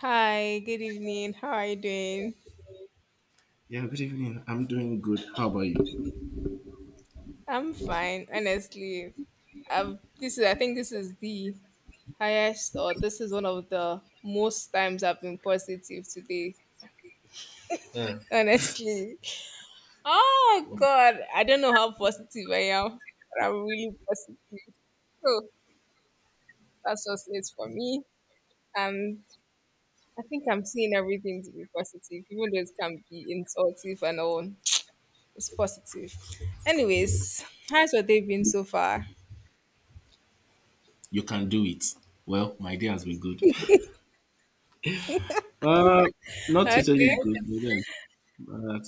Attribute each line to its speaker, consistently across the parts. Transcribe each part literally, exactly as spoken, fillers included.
Speaker 1: Hi, good evening. How are you doing?
Speaker 2: Yeah, good evening. I'm doing good. How about you?
Speaker 1: I'm fine, honestly. I've this is I think this is the highest or this is one of the most times I've been positive today.
Speaker 2: Yeah.
Speaker 1: Honestly. Oh god, I don't know how positive I am, but I'm really positive. So that's just it for me. And I think I'm seeing everything to be positive, even though it can be insultive and all. It's positive. Anyways, how's your day been so far?
Speaker 2: You can do it. Well, my day has been good. Uh, not totally
Speaker 1: Okay.
Speaker 2: good, but then, but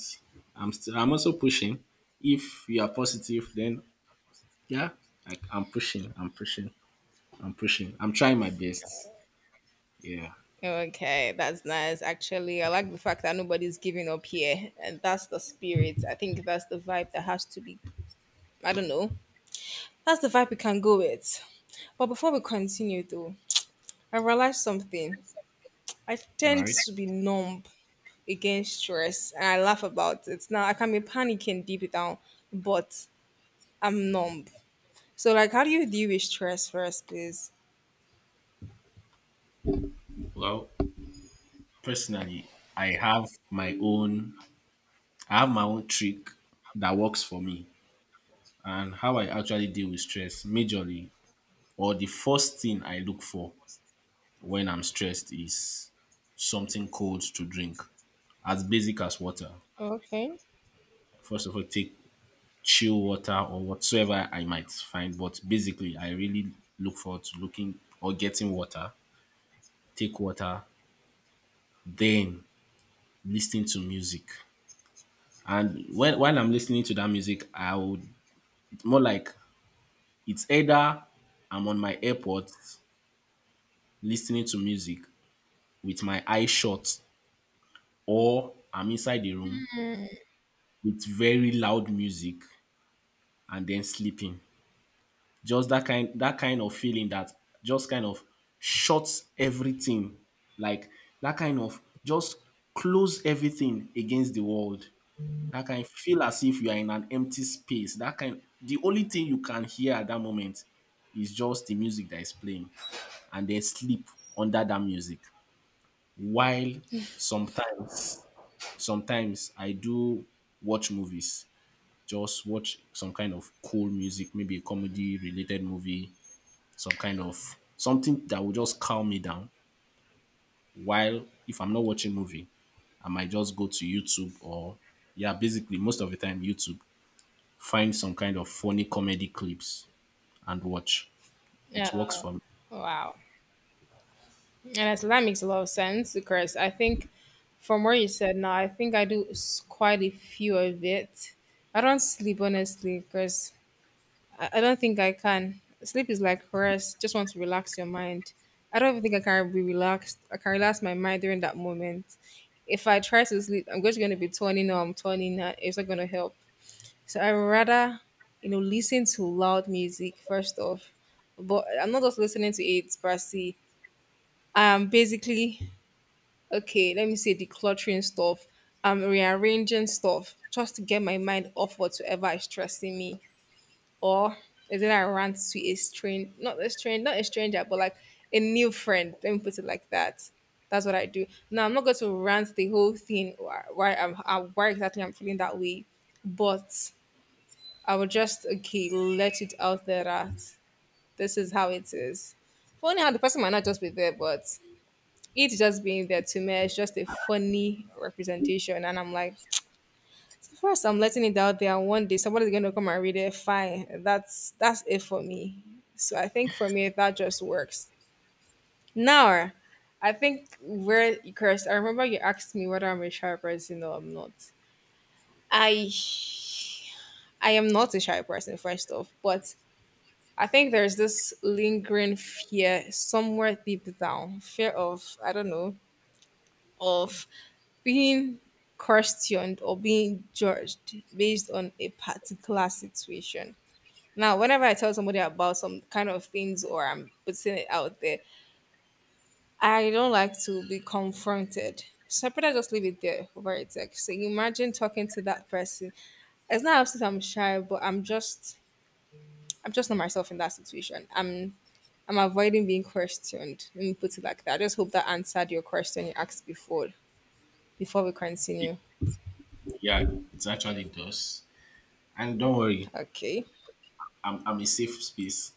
Speaker 2: I'm still. I'm also pushing. If you are positive, then yeah, I, I'm pushing. I'm pushing. I'm pushing. I'm trying my best. Yeah.
Speaker 1: Okay, that's nice. Actually, I like the fact that nobody's giving up here, and that's the spirit. I think that's the vibe that has to be. I don't know. That's the vibe we can go with. But before we continue, though, I realized something. I
Speaker 2: All
Speaker 1: tend
Speaker 2: right.
Speaker 1: to be numb against stress, and I laugh about it. Now I can be panicking deep down, but I'm numb. So, like, how do you deal with stress first, please?
Speaker 2: Well, personally, I have my own. I have my own trick that works for me, and how I actually deal with stress, majorly, or the first thing I look for when I'm stressed is something cold to drink, as basic as water.
Speaker 1: Okay.
Speaker 2: First of all, take chill water or whatsoever I might find. But basically, I really look forward to looking or getting water, take water, then listening to music. And when while I'm listening to that music, I would more like it's either I'm on my AirPods listening to music with my eyes shut, or I'm inside the room with very loud music and then sleeping. Just that kind that kind of feeling that just kind of shuts everything. Like that kind of just close everything against the world. That kind feel as if you are in an empty space. That kind the only thing you can hear at that moment is just the music that is playing and then sleep under that music. While sometimes, sometimes I do watch movies, just watch some kind of cool music, maybe a comedy related movie some kind of something that will just calm me down while if I'm not watching movie, I might just go to YouTube or yeah, basically most of the time YouTube, find some kind of funny comedy clips and watch. It works
Speaker 1: Yeah.
Speaker 2: for me.
Speaker 1: Wow. Yeah, so that makes a lot of sense because I think from where you said now, I think I do s- quite a few of it. I don't sleep honestly because I, I don't think I can. Sleep is like rest, just want to relax your mind. I don't even think I can be relaxed. I can relax my mind during that moment. If I try to sleep, I'm just going to be turning or I'm turning. uh, It's not going to help. So I rather, you know, listen to loud music first off, but I'm not just listening to it, Brassy. I am basically okay, let me say decluttering stuff. I'm rearranging stuff just to get my mind off whatsoever is stressing me. Or is it I rant to a stranger, not a stranger, not a stranger, but like a new friend. Let me put it like that. That's what I do. Now I'm not going to rant the whole thing why why I'm uh, why exactly I'm feeling that way, but I will just okay let it out there that this is how it is. Funny how the person might not just be there, but it just being there to me is just a funny representation. And I'm like, first I'm letting it out there and one day somebody's gonna come and read it. Fine. That's that's it for me. So I think for me that just works. Now I think where Chris, I remember you asked me whether I'm a shy person or I'm not. I I am not a shy person, first off, but I think there's this lingering fear somewhere deep down, fear of I don't know, of being questioned or being judged based on a particular situation. Now, whenever I tell somebody about some kind of things or I'm putting it out there, I don't like to be confronted. So I better just leave it there over a text. So you imagine talking to that person. It's not absolute I'm shy, but I'm just I'm just not myself in that situation. I'm I'm avoiding being questioned. Let me put it like that. I just hope that answered your question you asked before before we
Speaker 2: It-
Speaker 1: continue.
Speaker 2: yeah, it actually does. And don't worry,
Speaker 1: Okay.
Speaker 2: I'm I'm a safe space.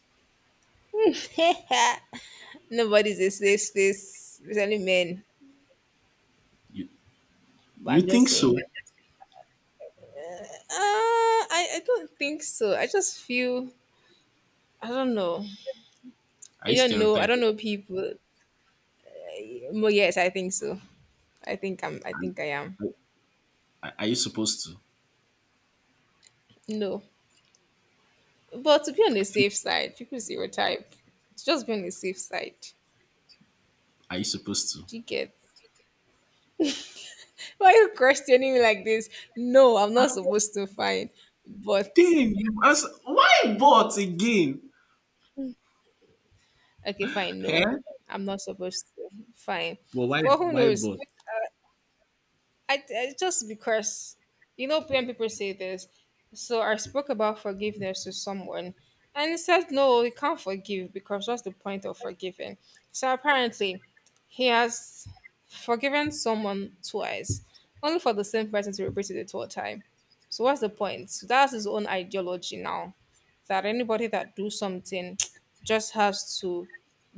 Speaker 1: Nobody's a safe space, especially men.
Speaker 2: You
Speaker 1: But
Speaker 2: you
Speaker 1: I'm just
Speaker 2: think so?
Speaker 1: saying. Uh, I, I don't think so. I just feel I don't know.
Speaker 2: Are
Speaker 1: I
Speaker 2: you
Speaker 1: don't know. I don't
Speaker 2: stereotyping?
Speaker 1: know people. Well, yes, I think so. I think I'm. I think I am.
Speaker 2: Are, are you supposed to?
Speaker 1: No, but to be on the safe side, people stereotype. To just be on the safe side.
Speaker 2: Are you supposed to?
Speaker 1: Do you get? Why are you questioning me like this? No, I'm
Speaker 2: I'm
Speaker 1: not supposed to. Fine, but
Speaker 2: damn you ask why bot again?
Speaker 1: okay, fine. No,
Speaker 2: Eh?
Speaker 1: I'm not supposed to. Fine,
Speaker 2: But why
Speaker 1: but who
Speaker 2: why
Speaker 1: knows?
Speaker 2: bot?
Speaker 1: I, I just because you know when people say this, so I spoke about forgiveness to someone, and he said no, you can't forgive because what's the point of forgiving? So apparently, he has forgiven someone twice, only for the same person to repeat it the third time. So what's the point? So that's his own ideology now that anybody that do something just has to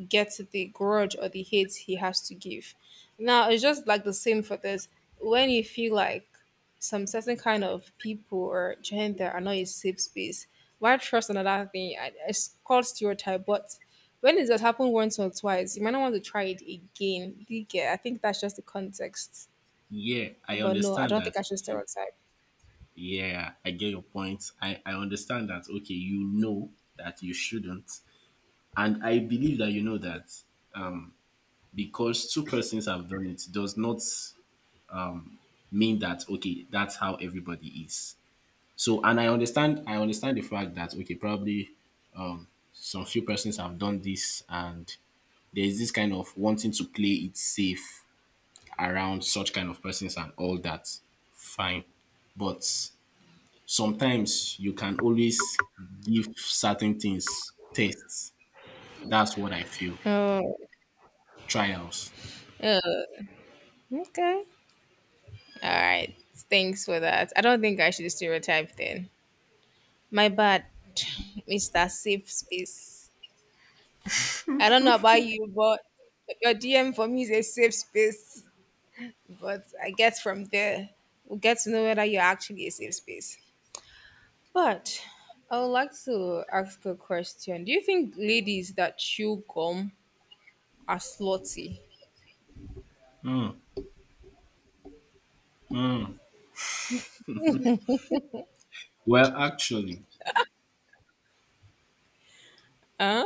Speaker 1: get the grudge or the hate he has to give. Now it's just like the same for this. When you feel like some certain kind of people or gender are not a safe space, why trust another thing? I- It's called stereotype, but when it has happened once or twice, you might not want to try it again. Do you get? I think that's just the context.
Speaker 2: Yeah, I
Speaker 1: But no, I
Speaker 2: understand
Speaker 1: don't think I
Speaker 2: that.
Speaker 1: should stereotype.
Speaker 2: Yeah, I get your point. I, I understand that, okay, you know that you shouldn't. And I believe that you know that because two persons have done it does not mean that, okay, that's how everybody is. So, and I understand, I understand the fact that, okay, probably um, some few persons have done this and there is this kind of wanting to play it safe around such kind of persons and all that. Fine. But sometimes you can always give certain things tests. That's what I feel.
Speaker 1: Oh,
Speaker 2: Trials.
Speaker 1: okay. All right. Thanks for that. I don't think I should stereotype then. My bad. Mister safe space. I don't know about you, but your D M for me is a safe space. But I guess from there, we'll get to know whether you're actually a safe space. But I would like to ask a question. Do you think ladies that chew gum are slutty?
Speaker 2: Well, actually,
Speaker 1: Huh?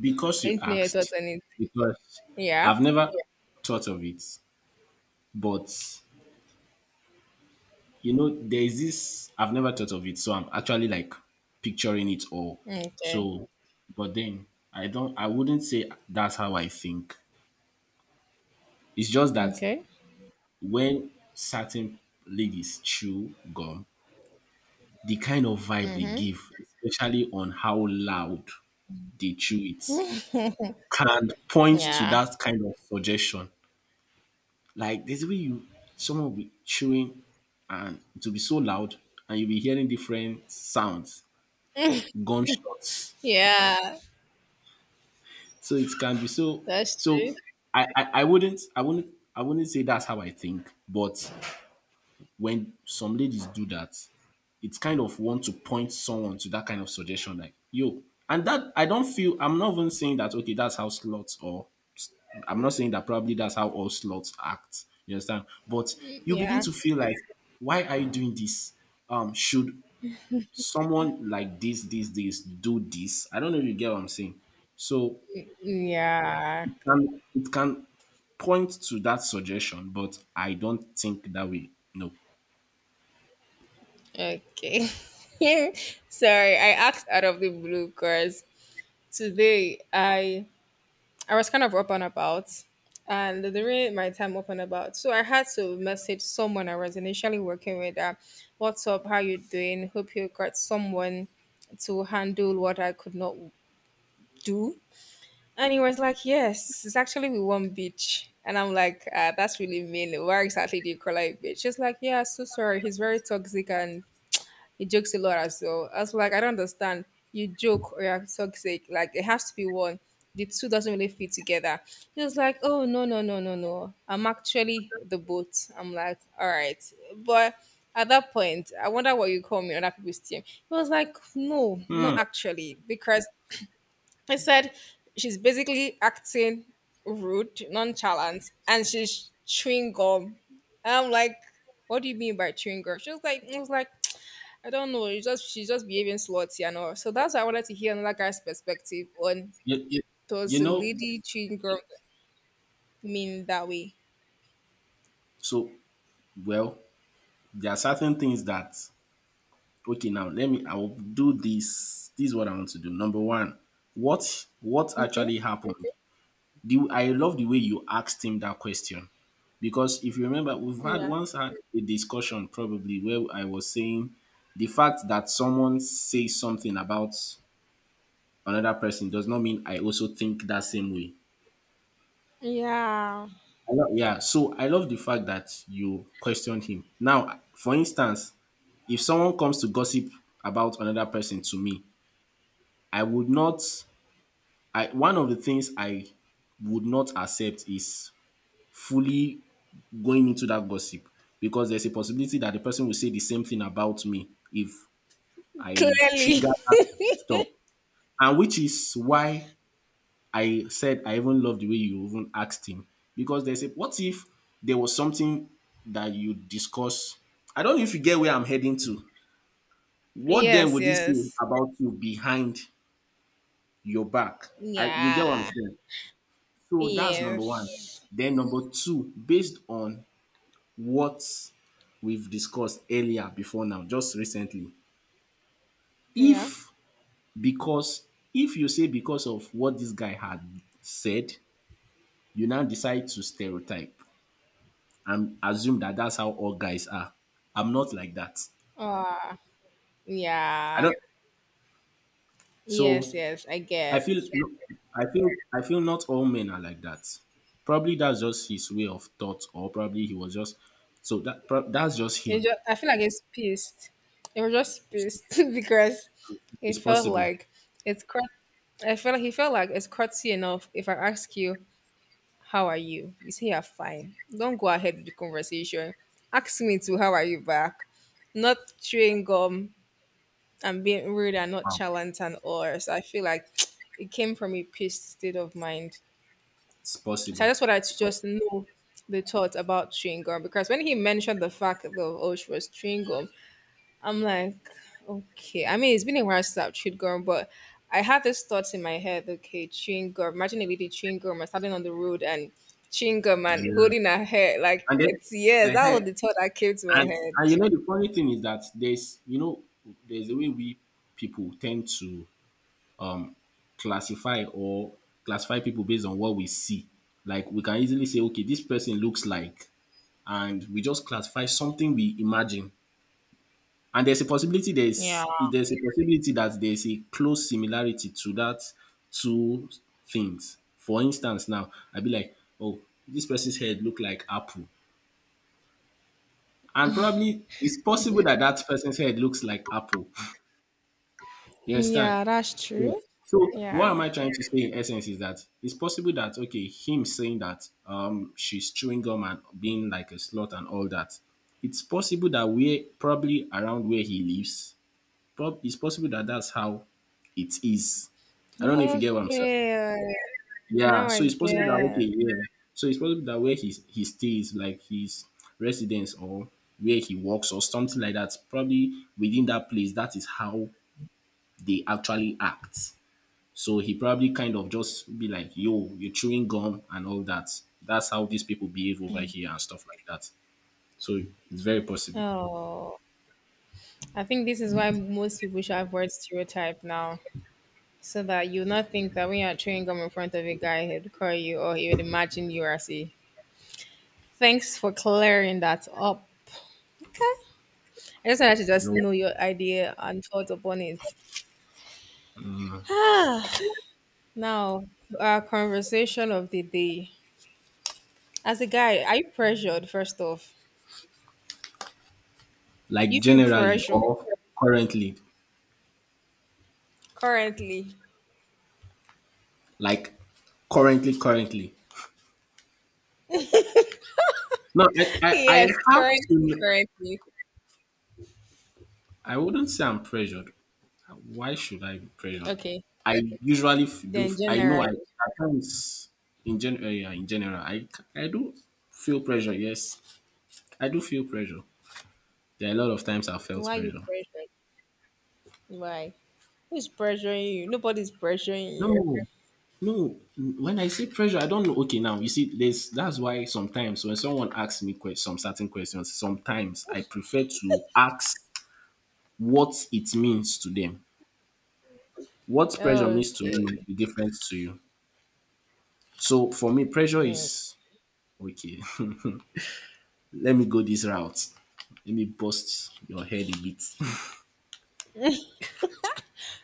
Speaker 2: because
Speaker 1: I
Speaker 2: you
Speaker 1: need to know your thoughts
Speaker 2: asked,
Speaker 1: on it.
Speaker 2: because
Speaker 1: Yeah.
Speaker 2: I've never yeah, thought of it, but you know, there is this, I've never thought of it, so I'm actually like picturing it all.
Speaker 1: Okay.
Speaker 2: So, but then I don't, I wouldn't say that's how I think. It's just that
Speaker 1: Okay.
Speaker 2: when certain ladies chew gum, the kind of vibe they
Speaker 1: Mm-hmm.
Speaker 2: give, especially on how loud they chew it, can point to
Speaker 1: Yeah.
Speaker 2: that kind of suggestion. Like there's a way you someone will be chewing and it will be so loud and you'll be hearing different sounds, gunshots.
Speaker 1: Yeah.
Speaker 2: So it can be so
Speaker 1: That's
Speaker 2: so
Speaker 1: true.
Speaker 2: I, I, I wouldn't I wouldn't I wouldn't say that's how I think, but when some ladies do that, it's kind of want to point someone to that kind of suggestion, like yo. And that I don't feel I'm not even saying that okay, that's how slots or I'm not saying that probably that's how all slots act. You understand? But you begin
Speaker 1: Yeah.
Speaker 2: to feel like, why are you doing this? Um, should someone like this, this, this do this? I don't know if you get what I'm saying. So
Speaker 1: Yeah.
Speaker 2: it can, it can point to that suggestion, but I don't think that way. No.
Speaker 1: Okay. Sorry, I asked out of the blue because today I I was kind of up and about and during my time up and about. So I had to message someone I was initially working with that what's up, how you doing? Hope you got someone to handle what I could not do. And he was like, Yes, it's actually with one bitch. And I'm like, uh, that's really mean. Where exactly do you call it a bitch? She's like, Yeah, so sorry. He's very toxic and he jokes a lot as well. I was like, I don't understand. You joke or you're toxic. Like it has to be one. The two doesn't really fit together. He was like, Oh no, no, no, no, no. I'm actually the boat. I'm like, all right. But at that point, I wonder what you call me on other people's team. He was like, No, not
Speaker 2: Hmm.
Speaker 1: actually. Because I said she's basically acting rude, nonchalant, and she's chewing gum. I'm like, what do you mean by chewing gum? She was like, I was like, I don't know. It's just she's just behaving slutty and all. So that's why I wanted to hear another guy's perspective on
Speaker 2: You, you, you
Speaker 1: does a
Speaker 2: know,
Speaker 1: lady treating girl mean that way?
Speaker 2: so well, there are certain things that okay now let me I will do this this is what I want to do number one what what
Speaker 1: Okay.
Speaker 2: actually happened the, I love the way you asked him that question because if you remember we've had
Speaker 1: Yeah.
Speaker 2: once had a discussion probably where I was saying the fact that someone says something about another person does not mean I also think that same way
Speaker 1: Yeah.
Speaker 2: I love, yeah, so I love the fact that you questioned him. Now, for instance, if someone comes to gossip about another person to me, I would not I one of the things I would not accept is fully going into that gossip because there's a possibility that the person will say the same thing about me if I
Speaker 1: Clearly.
Speaker 2: trigger that stuff. And which is why I said I even love the way you even asked him. Because there's a what if there was something that you discuss? I don't know if you get where I'm heading to. What then
Speaker 1: Yes.
Speaker 2: would he say
Speaker 1: Yes.
Speaker 2: about you behind your back? I, you get what I'm
Speaker 1: Yeah.
Speaker 2: saying? So that's number one.
Speaker 1: Yes.
Speaker 2: Then number two, based on what we've discussed earlier before now, just recently,
Speaker 1: Yeah.
Speaker 2: if because if you say because of what this guy had said, you now decide to stereotype and assume that that's how all guys are. I'm not like that.
Speaker 1: Ah.
Speaker 2: I
Speaker 1: yeah.
Speaker 2: don't.
Speaker 1: Yes.
Speaker 2: So
Speaker 1: Yes. I
Speaker 2: I
Speaker 1: get.
Speaker 2: feel, I feel, I feel not all men are like that. Probably that's just his way of thought, or probably he was just so that. prob- That's just
Speaker 1: It
Speaker 2: him.
Speaker 1: just, I feel like it's pissed. It was just pissed because
Speaker 2: It's
Speaker 1: it felt
Speaker 2: possible.
Speaker 1: like it's. cra- I felt like he felt like it's crazy enough. If I ask you, How are you? You say you're fine. Don't go ahead with the conversation. Ask me to how are you back? Not chewing gum and being rude and not charlatan or so I feel like it came from a pissed state of mind.
Speaker 2: It's
Speaker 1: So I
Speaker 2: possible.
Speaker 1: just wanted
Speaker 2: It's
Speaker 1: to
Speaker 2: possible.
Speaker 1: just know the thought about chewing gum because when he mentioned the fact of oh she was chewing gum, I'm like, okay. I mean, it's been a while since I've chewed gum, but I had this thought in my head. Okay, chewing gum. Imagine a lady chewing gum and standing on the road and chewing gum and
Speaker 2: Yeah.
Speaker 1: holding her hair. Like
Speaker 2: And then,
Speaker 1: it's yes, that
Speaker 2: uh
Speaker 1: was the thought that came to my
Speaker 2: and
Speaker 1: head.
Speaker 2: and you know the funny thing is that there's you know there's a way we people tend to classify or classify people based on what we see. Like we can easily say, okay, this person looks like, and we just classify something we imagine. And there's a possibility there's there's a possibility that there's a close similarity to that two things. For instance, now I'd be like, oh, this person's head look like apple, and probably it's possible that that person's head looks like apple. You understand?
Speaker 1: Yeah, that's
Speaker 2: Yeah.
Speaker 1: true.
Speaker 2: So what am
Speaker 1: Yeah.
Speaker 2: I trying to say in essence is that it's possible that okay, him saying that um she's chewing gum and being like a slut and all that. It's possible that we're probably around where he lives, prob- it's possible that that's how it is. I don't know if you
Speaker 1: Yeah,
Speaker 2: get what I'm saying.
Speaker 1: Okay.
Speaker 2: Yeah,
Speaker 1: Now I
Speaker 2: so it's possible that
Speaker 1: get.
Speaker 2: okay, yeah. So it's possible that where he he stays, like his residence or where he works or something like that, probably within that place, that is how they actually act. So he probably kind of just be like, "Yo, you're chewing gum and all that." That's how these people behave over here and stuff like that. So it's very possible,
Speaker 1: Oh, I think this is why most people should avoid stereotype now, so that you not think that when you're chewing gum in front of a guy, he'd call you or he would imagine you as a Thanks for clearing that up. Okay. I just wanted to
Speaker 2: you
Speaker 1: just
Speaker 2: know,
Speaker 1: know your idea and thought upon it. Ah, now, to our conversation of the day. As a guy, are you pressured, first off?
Speaker 2: like
Speaker 1: You feel
Speaker 2: generally
Speaker 1: pressure
Speaker 2: or currently.
Speaker 1: currently.
Speaker 2: Like currently, currently. No, I, I, I
Speaker 1: Yes,
Speaker 2: have
Speaker 1: currently,
Speaker 2: to.
Speaker 1: currently.
Speaker 2: I wouldn't say I'm pressured. Why should I be pressured?
Speaker 1: Okay.
Speaker 2: I usually f- do.
Speaker 1: Then
Speaker 2: I know. I
Speaker 1: generally,
Speaker 2: at times in gen, uh, yeah, in general, I I do feel pressure. Yes, I do feel pressure. There are a lot of times I felt
Speaker 1: why you
Speaker 2: pressure.
Speaker 1: pressured? Why? Who's pressuring you? Nobody's pressuring you.
Speaker 2: No, no. When I say pressure, I don't know. Okay, now you see, this that's why sometimes when someone asks me que- some certain questions, sometimes I prefer to ask what it means to them. What pressure means to me
Speaker 1: Okay.
Speaker 2: might be different to you. So for me, pressure
Speaker 1: Mm.
Speaker 2: is okay. Let me go this route. Let me bust your head a bit.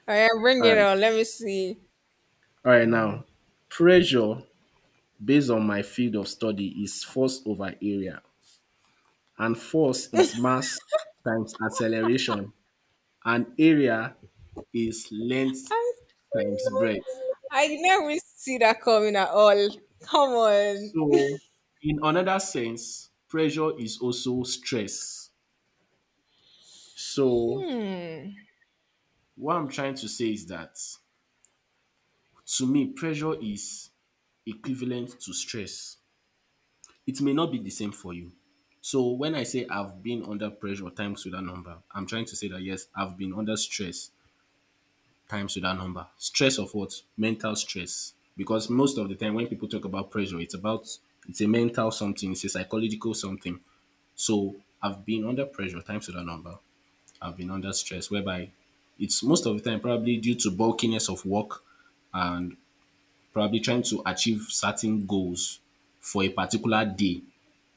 Speaker 1: All right, bring
Speaker 2: All
Speaker 1: it
Speaker 2: right.
Speaker 1: on. Let me see.
Speaker 2: All right. Now, pressure based on my field of study is force over area, and force is mass times acceleration, and area is length
Speaker 1: I
Speaker 2: times breadth.
Speaker 1: I never see that coming at all. Come on.
Speaker 2: So, in another sense, pressure is also stress. So,
Speaker 1: Hmm.
Speaker 2: what I'm trying to say is that to me pressure is equivalent to stress. It may not be the same for you. So when I say I've been under pressure times with that number, I'm trying to say that yes, I've been under stress times with that number. Stress of what? Mental stress. Because most of the time when people talk about pressure, it's about it's a mental something, it's a psychological something. So I've been under pressure times with that number. I've been under stress whereby it's most of the time probably due to bulkiness of work and probably trying to achieve certain goals for a particular day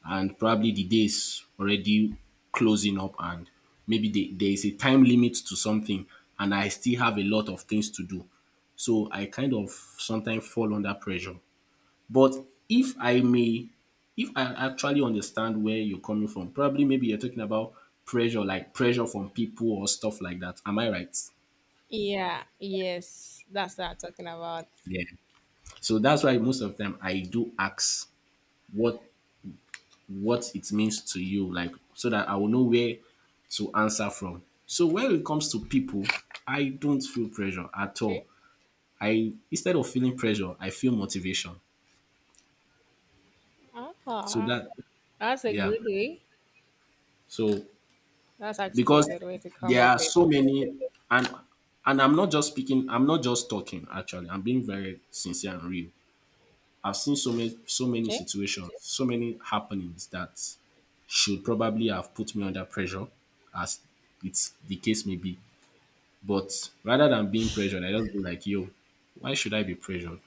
Speaker 2: and probably the day is already closing up and maybe the, there is a time limit to something and I still have a lot of things to do. So I kind of sometimes fall under pressure. But if I may, if I actually understand where you're coming from, probably maybe you're talking about pressure, like pressure from people or stuff like that. Am I right?
Speaker 1: Yeah. Yes. That's what I'm talking about.
Speaker 2: Yeah. So that's why most of the time I do ask what what it means to you, like so that I will know where to answer from. So when it comes to people, I don't feel pressure at
Speaker 1: Okay.
Speaker 2: all. I instead of feeling pressure, I feel motivation. So
Speaker 1: Ah,
Speaker 2: that
Speaker 1: that's a
Speaker 2: yeah.
Speaker 1: good way.
Speaker 2: So
Speaker 1: That's actually a
Speaker 2: because
Speaker 1: good way to come
Speaker 2: there
Speaker 1: up
Speaker 2: are
Speaker 1: with
Speaker 2: so
Speaker 1: it.
Speaker 2: many and and I'm not just speaking, I'm not just talking actually. I'm being very sincere and real. I've seen so many so many
Speaker 1: Okay.
Speaker 2: situations, so many happenings that should probably have put me under pressure as it's the case may be. But rather than being pressured, I just be like, yo, why should I be pressured?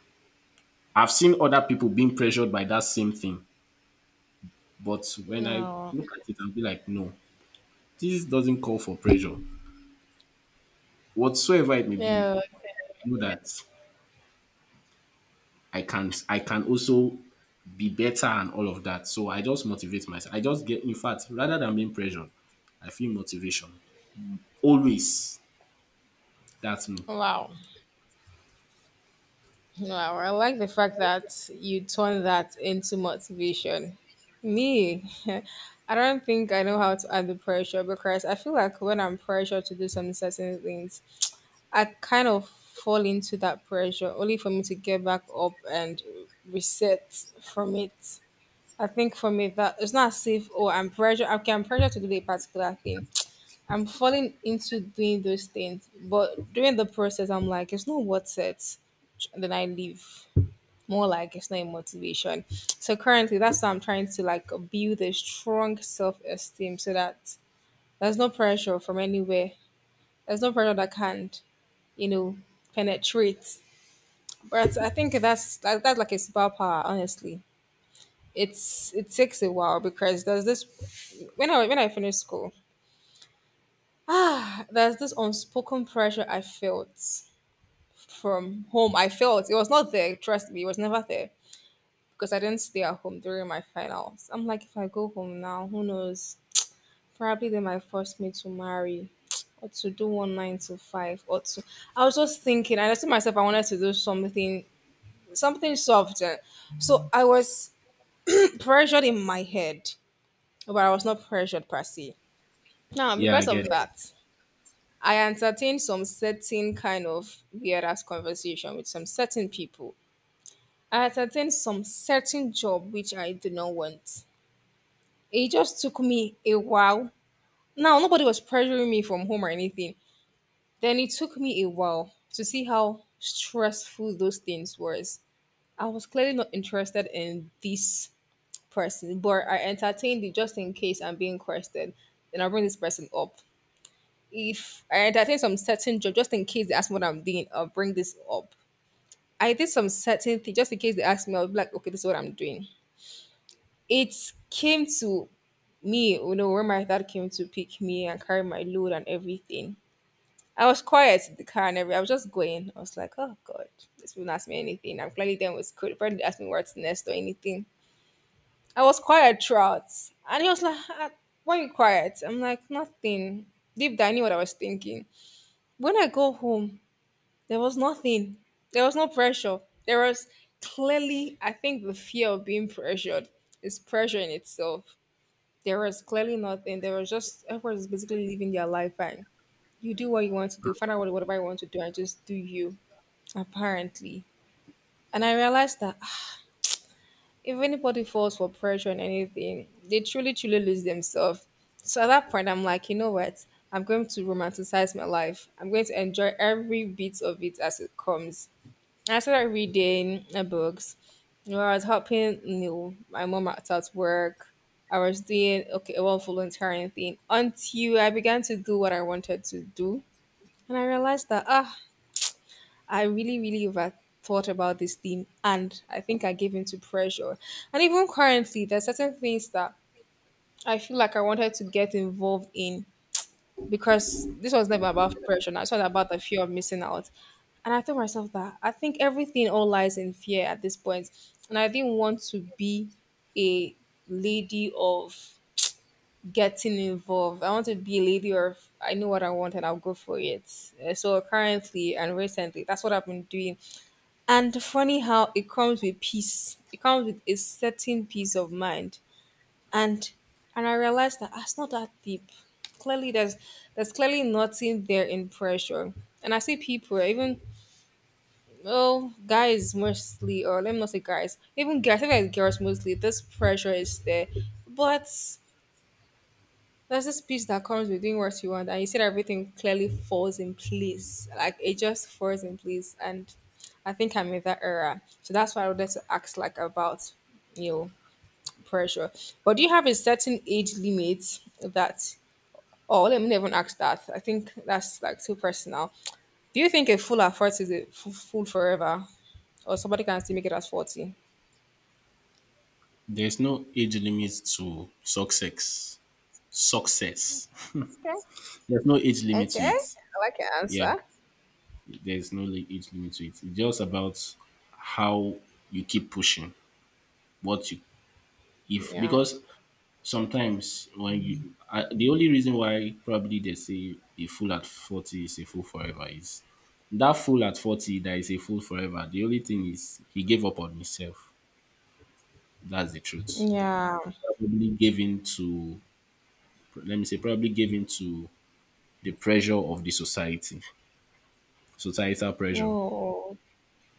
Speaker 2: I've seen other people being pressured by that same thing. But when I
Speaker 1: No.
Speaker 2: look at it, I'll be like, no, this doesn't call for pressure. Whatsoever it may be,
Speaker 1: Yeah.
Speaker 2: I know that I can I can also be better and all of that. So I just motivate myself. I just get In fact, rather than being pressured, I feel motivation. Always. That's me.
Speaker 1: Wow. Wow. I like the fact that you turn that into motivation. Me, I don't think I know how to add the pressure because I feel like when I'm pressured to do some certain things, I kind of fall into that pressure only for me to get back up and reset from it. I think for me that it's not as if oh I'm pressure okay I'm pressure to do a particular thing. I'm falling into doing those things, but during the process I'm like it's not worth it. Then I leave. More like it's not a motivation. So currently that's what I'm trying to like build a strong self esteem so that there's no pressure from anywhere. There's no pressure that can, you know, penetrate, but I think that's that, that's like a superpower. Honestly, it's it takes a while because there's this, when I when I finished school, there's this unspoken pressure I felt from home. I felt it was not there. Trust me, it was never there because I didn't stay at home during my finals. I'm like, if I go home now, who knows? Probably they might force me to marry. Or to do one nine to five, or to. I was just thinking. I just told myself I wanted to do something, something softer. So I was pressured in my head, but I was not pressured per se. Now,
Speaker 2: Yeah, I
Speaker 1: because
Speaker 2: get
Speaker 1: of
Speaker 2: it.
Speaker 1: that, I entertained some certain kind of weird ass conversation with some certain people. I entertained some certain job which I did not want. It just took me a while. Now, nobody was pressuring me from home or anything. Then it took me a while to see how stressful those things was. I was clearly not interested in this person, but I entertained it just in case I'm being questioned. Then I'll bring this person up. If I entertain some certain job, just in case they ask me what I'm doing, I'll bring this up. I did some certain thing just in case they ask me, I'll be like, okay, this is what I'm doing. It came to me, you know, when my dad came to pick me and carry my load and everything. I was quiet in the car and everything. I was just going. I was like, oh God, this will not ask me anything. I'm clearly done with school. Probably didn't ask me what's next or anything. I was quiet throughout. And he was like, "Ah, why you quiet?" I'm like, "Nothing." Deep down, I knew what I was thinking. When I go home, there was nothing. There was no pressure. There was, clearly I think, the fear of being pressured is pressure in itself. There was clearly nothing. There was just, everyone is basically living their life, and you do what you want to do, find out what, whatever you want to do, and just do you, apparently. And I realized that even if it falls for pressure and anything, they truly, truly lose themselves. So at that point, I'm like, you know what? I'm going to romanticize my life. I'm going to enjoy every bit of it as it comes. I started reading uh, books. You know, I was helping you know, my mom out at work. I was doing okay, well, volunteering thing until I began to do what I wanted to do, and I realized that ah, I really, really overthought about this thing and I think I gave in to pressure. And even currently, there's certain things that I feel like I wanted to get involved in because this was never about pressure. Now, it's not about the fear of missing out. And I told myself that I think everything all lies in fear at this point. And I didn't want to be a lady of getting involved. I want to be a lady of I know what I want and I'll go for it. Uh, So currently and recently, that's what I've been doing. And funny how it comes with peace. It comes with a certain peace of mind. And and I realized that that's not that deep. Clearly there's there's clearly nothing there in pressure. And I see people, even oh guys mostly, or let me not say guys, even guys, I think like girls mostly, this pressure is there. But there's this peace that comes with doing what you want, and you see that everything clearly falls in place, like it just falls in place. And I think I'm in that era, so that's why I wanted to ask, like, about you know pressure. But do you have a certain age limit that, oh, let me never ask that, I think that's like too personal. Do you think a full at forty is a fu- full forever, or somebody can still make it as forty?
Speaker 2: There's no age limit to success. Success.
Speaker 1: Okay.
Speaker 2: There's no age limit
Speaker 1: Okay.
Speaker 2: to it.
Speaker 1: I like your
Speaker 2: Yeah,
Speaker 1: answer.
Speaker 2: there's no li- age limit to it. It's just about how you keep pushing. What you if
Speaker 1: Yeah.
Speaker 2: because sometimes when you I, The only reason why probably they say a fool at forty is a fool forever is that fool at forty that is a fool forever. The only thing is he gave up on himself. That's the truth.
Speaker 1: Yeah.
Speaker 2: Probably gave in to Let me say probably gave in to the pressure of the society, societal pressure.
Speaker 1: Oh.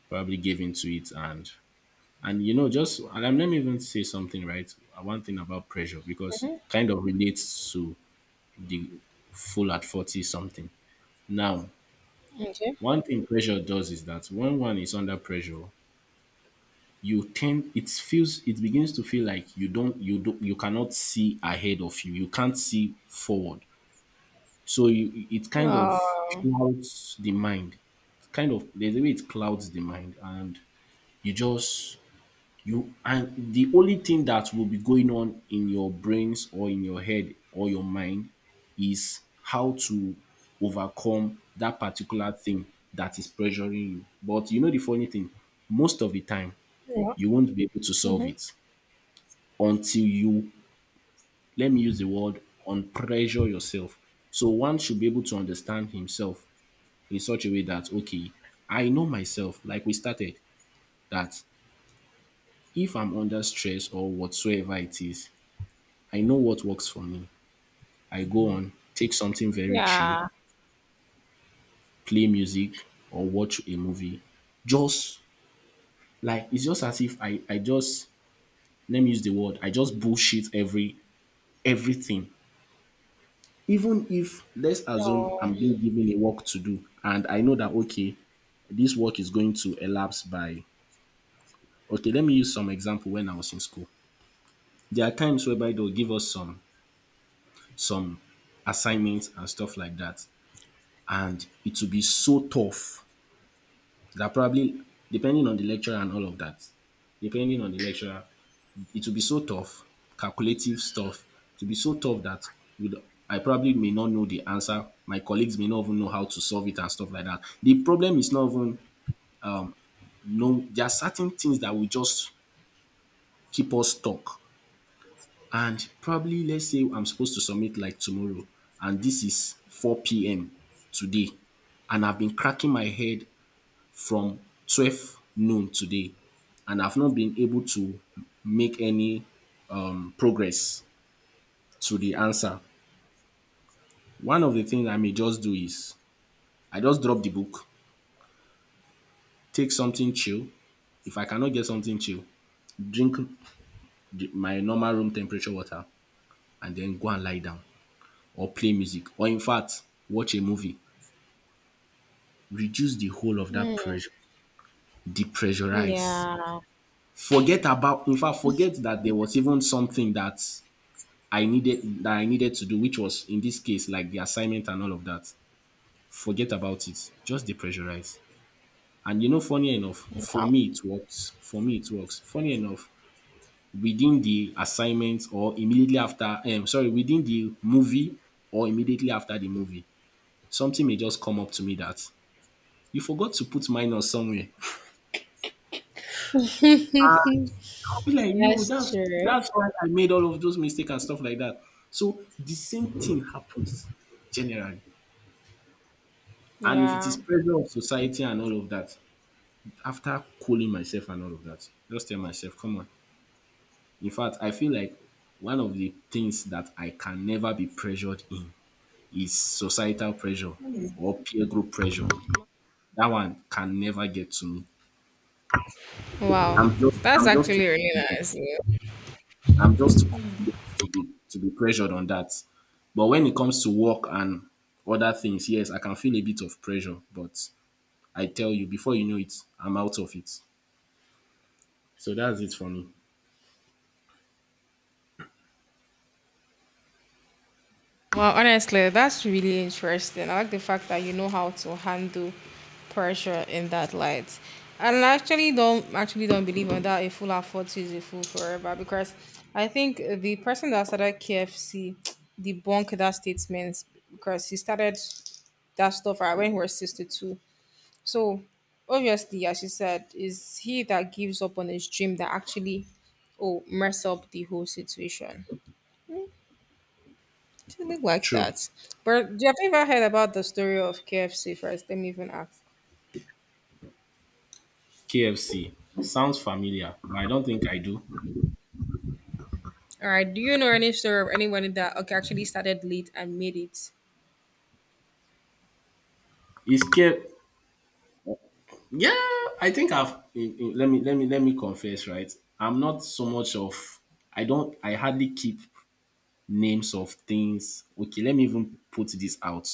Speaker 2: Probably gave in to it and And you know, just and I'm- let me even say something, right? Uh, One thing about pressure because
Speaker 1: Mhm.
Speaker 2: kind of relates to the full at forty something. Now,
Speaker 1: Okay.
Speaker 2: one thing pressure does is that when one is under pressure, you tend it feels it begins to feel like you don't you do you cannot see ahead of you. You can't see forward. So you it kind of
Speaker 1: Oh,
Speaker 2: clouds the mind, kind of. There's a way it clouds the mind and you just you and the only thing that will be going on in your brains or in your head or your mind is how to overcome that particular thing that is pressuring you. But you know the funny thing, most of the time
Speaker 1: yeah.
Speaker 2: you won't be able to solve
Speaker 1: Mhm.
Speaker 2: it until you, let me use the word, unpressure yourself. So one should be able to understand himself in such a way that okay, I know myself, like we started, that if I'm under stress or whatsoever it is, I know what works for me. I go on, take something very chill,
Speaker 1: Yeah.
Speaker 2: play music or watch a movie. Just like it's just as if I, I just let me use the word, I just bullshit every everything. Even if let's assume
Speaker 1: So,
Speaker 2: I'm being given a work to do and I know that okay, this work is going to elapse by okay, let me use some example when I was in school. There are times whereby they'll give us some some assignments and stuff like that. And it will be so tough that probably depending on the lecturer and all of that, depending on the lecturer, it will be so tough, calculative stuff, to be so tough that we d- I probably may not know the answer. My colleagues may not even know how to solve it and stuff like that. The problem is not even no. There are certain things that will just keep us stuck. And probably let's say I'm supposed to submit like tomorrow, and this is four p m today, and I've been cracking my head from twelve noon today and I've not been able to make any um, progress to the answer, one of the things I may just do is I just drop the book, take something chill. If I cannot get something chill, drink the- my normal room temperature water and then go and lie down or play music or in fact watch a movie. Reduce the whole of that pressure, depressurize.
Speaker 1: yeah,
Speaker 2: Forget about, in fact, forget that there was even something that I needed that I needed to do, which was in this case like the assignment and all of that. Forget about it. Just depressurize. And you know, funny enough, for me it works. For me it works. Funny enough, within the assignment or immediately after, um, sorry, within the movie or immediately after the movie, something may just come up to me that you forgot to put minus somewhere. I'll be like, yo,
Speaker 1: that's
Speaker 2: that's
Speaker 1: true.
Speaker 2: that's why I made all of those mistakes and stuff like that. So the same thing happens generally. And if it
Speaker 1: Yeah.
Speaker 2: is pressure of society and all of that, after cooling myself and all of that, just tell myself, come on. In fact, I feel like one of the things that I can never be pressured in is societal pressure or peer group pressure. That one can never get to me.
Speaker 1: Wow.
Speaker 2: I'm just
Speaker 1: That's
Speaker 2: I'm just too
Speaker 1: actually really
Speaker 2: confident.
Speaker 1: nice. Yeah.
Speaker 2: I'm just too confident to be to be pressured on that. But when it comes to work and other things, yes, I can feel a bit of pressure. But I tell you, before you know it, I'm out of it. So that's it for me.
Speaker 1: Well, honestly, that's really interesting. I like the fact that you know how to handle pressure in that light. And I actually don't actually don't believe on that a fool at forty is a fool forever, because I think the person that started K F C debunked that statement, because he started that stuff right when he was sixty-two. So obviously, as you said, is he that gives up on his dream that actually oh mess up the whole situation. Something like
Speaker 2: True.
Speaker 1: that. But do you have ever heard about the story of K F C first? Let me even ask.
Speaker 2: K F C sounds familiar, but I don't think I do.
Speaker 1: All right. Do you know any story of anyone that okay actually started late and made it?
Speaker 2: Is K? Yeah, I think I've. in- in- Let me let me let me confess. Right, I'm not so much of. I don't. I hardly keep names of things. Okay, let me even put this out.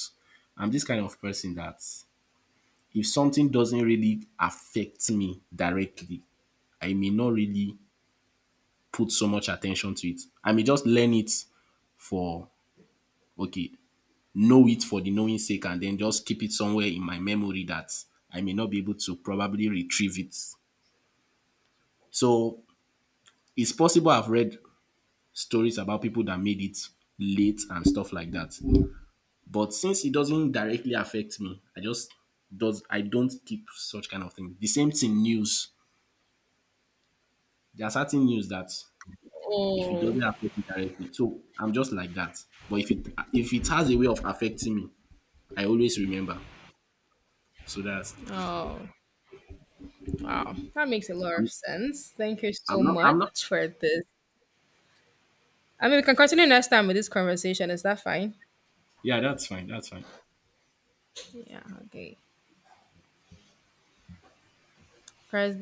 Speaker 2: I'm this kind of person that if something doesn't really affect me directly, I may not really put so much attention to it. I may just learn it for okay. Know it for the knowing sake and then just keep it somewhere in my memory that I may not be able to probably retrieve it. So it's possible I've read stories about people that made it late and stuff like that. But since it doesn't directly affect me, I just does I don't keep such kind of thing. The same thing news. There are certain news that if it
Speaker 1: Oh,
Speaker 2: doesn't affect me directly, so I'm just like that. But if it if it has a way of affecting me, I always remember. So that's
Speaker 1: oh, wow. That makes a lot of
Speaker 2: I'm,
Speaker 1: sense. Thank you so
Speaker 2: I'm not I'm not
Speaker 1: much for this. I mean, we can continue next time with this conversation. Is that fine?
Speaker 2: Yeah, that's fine. That's fine.
Speaker 1: Yeah. Okay. Press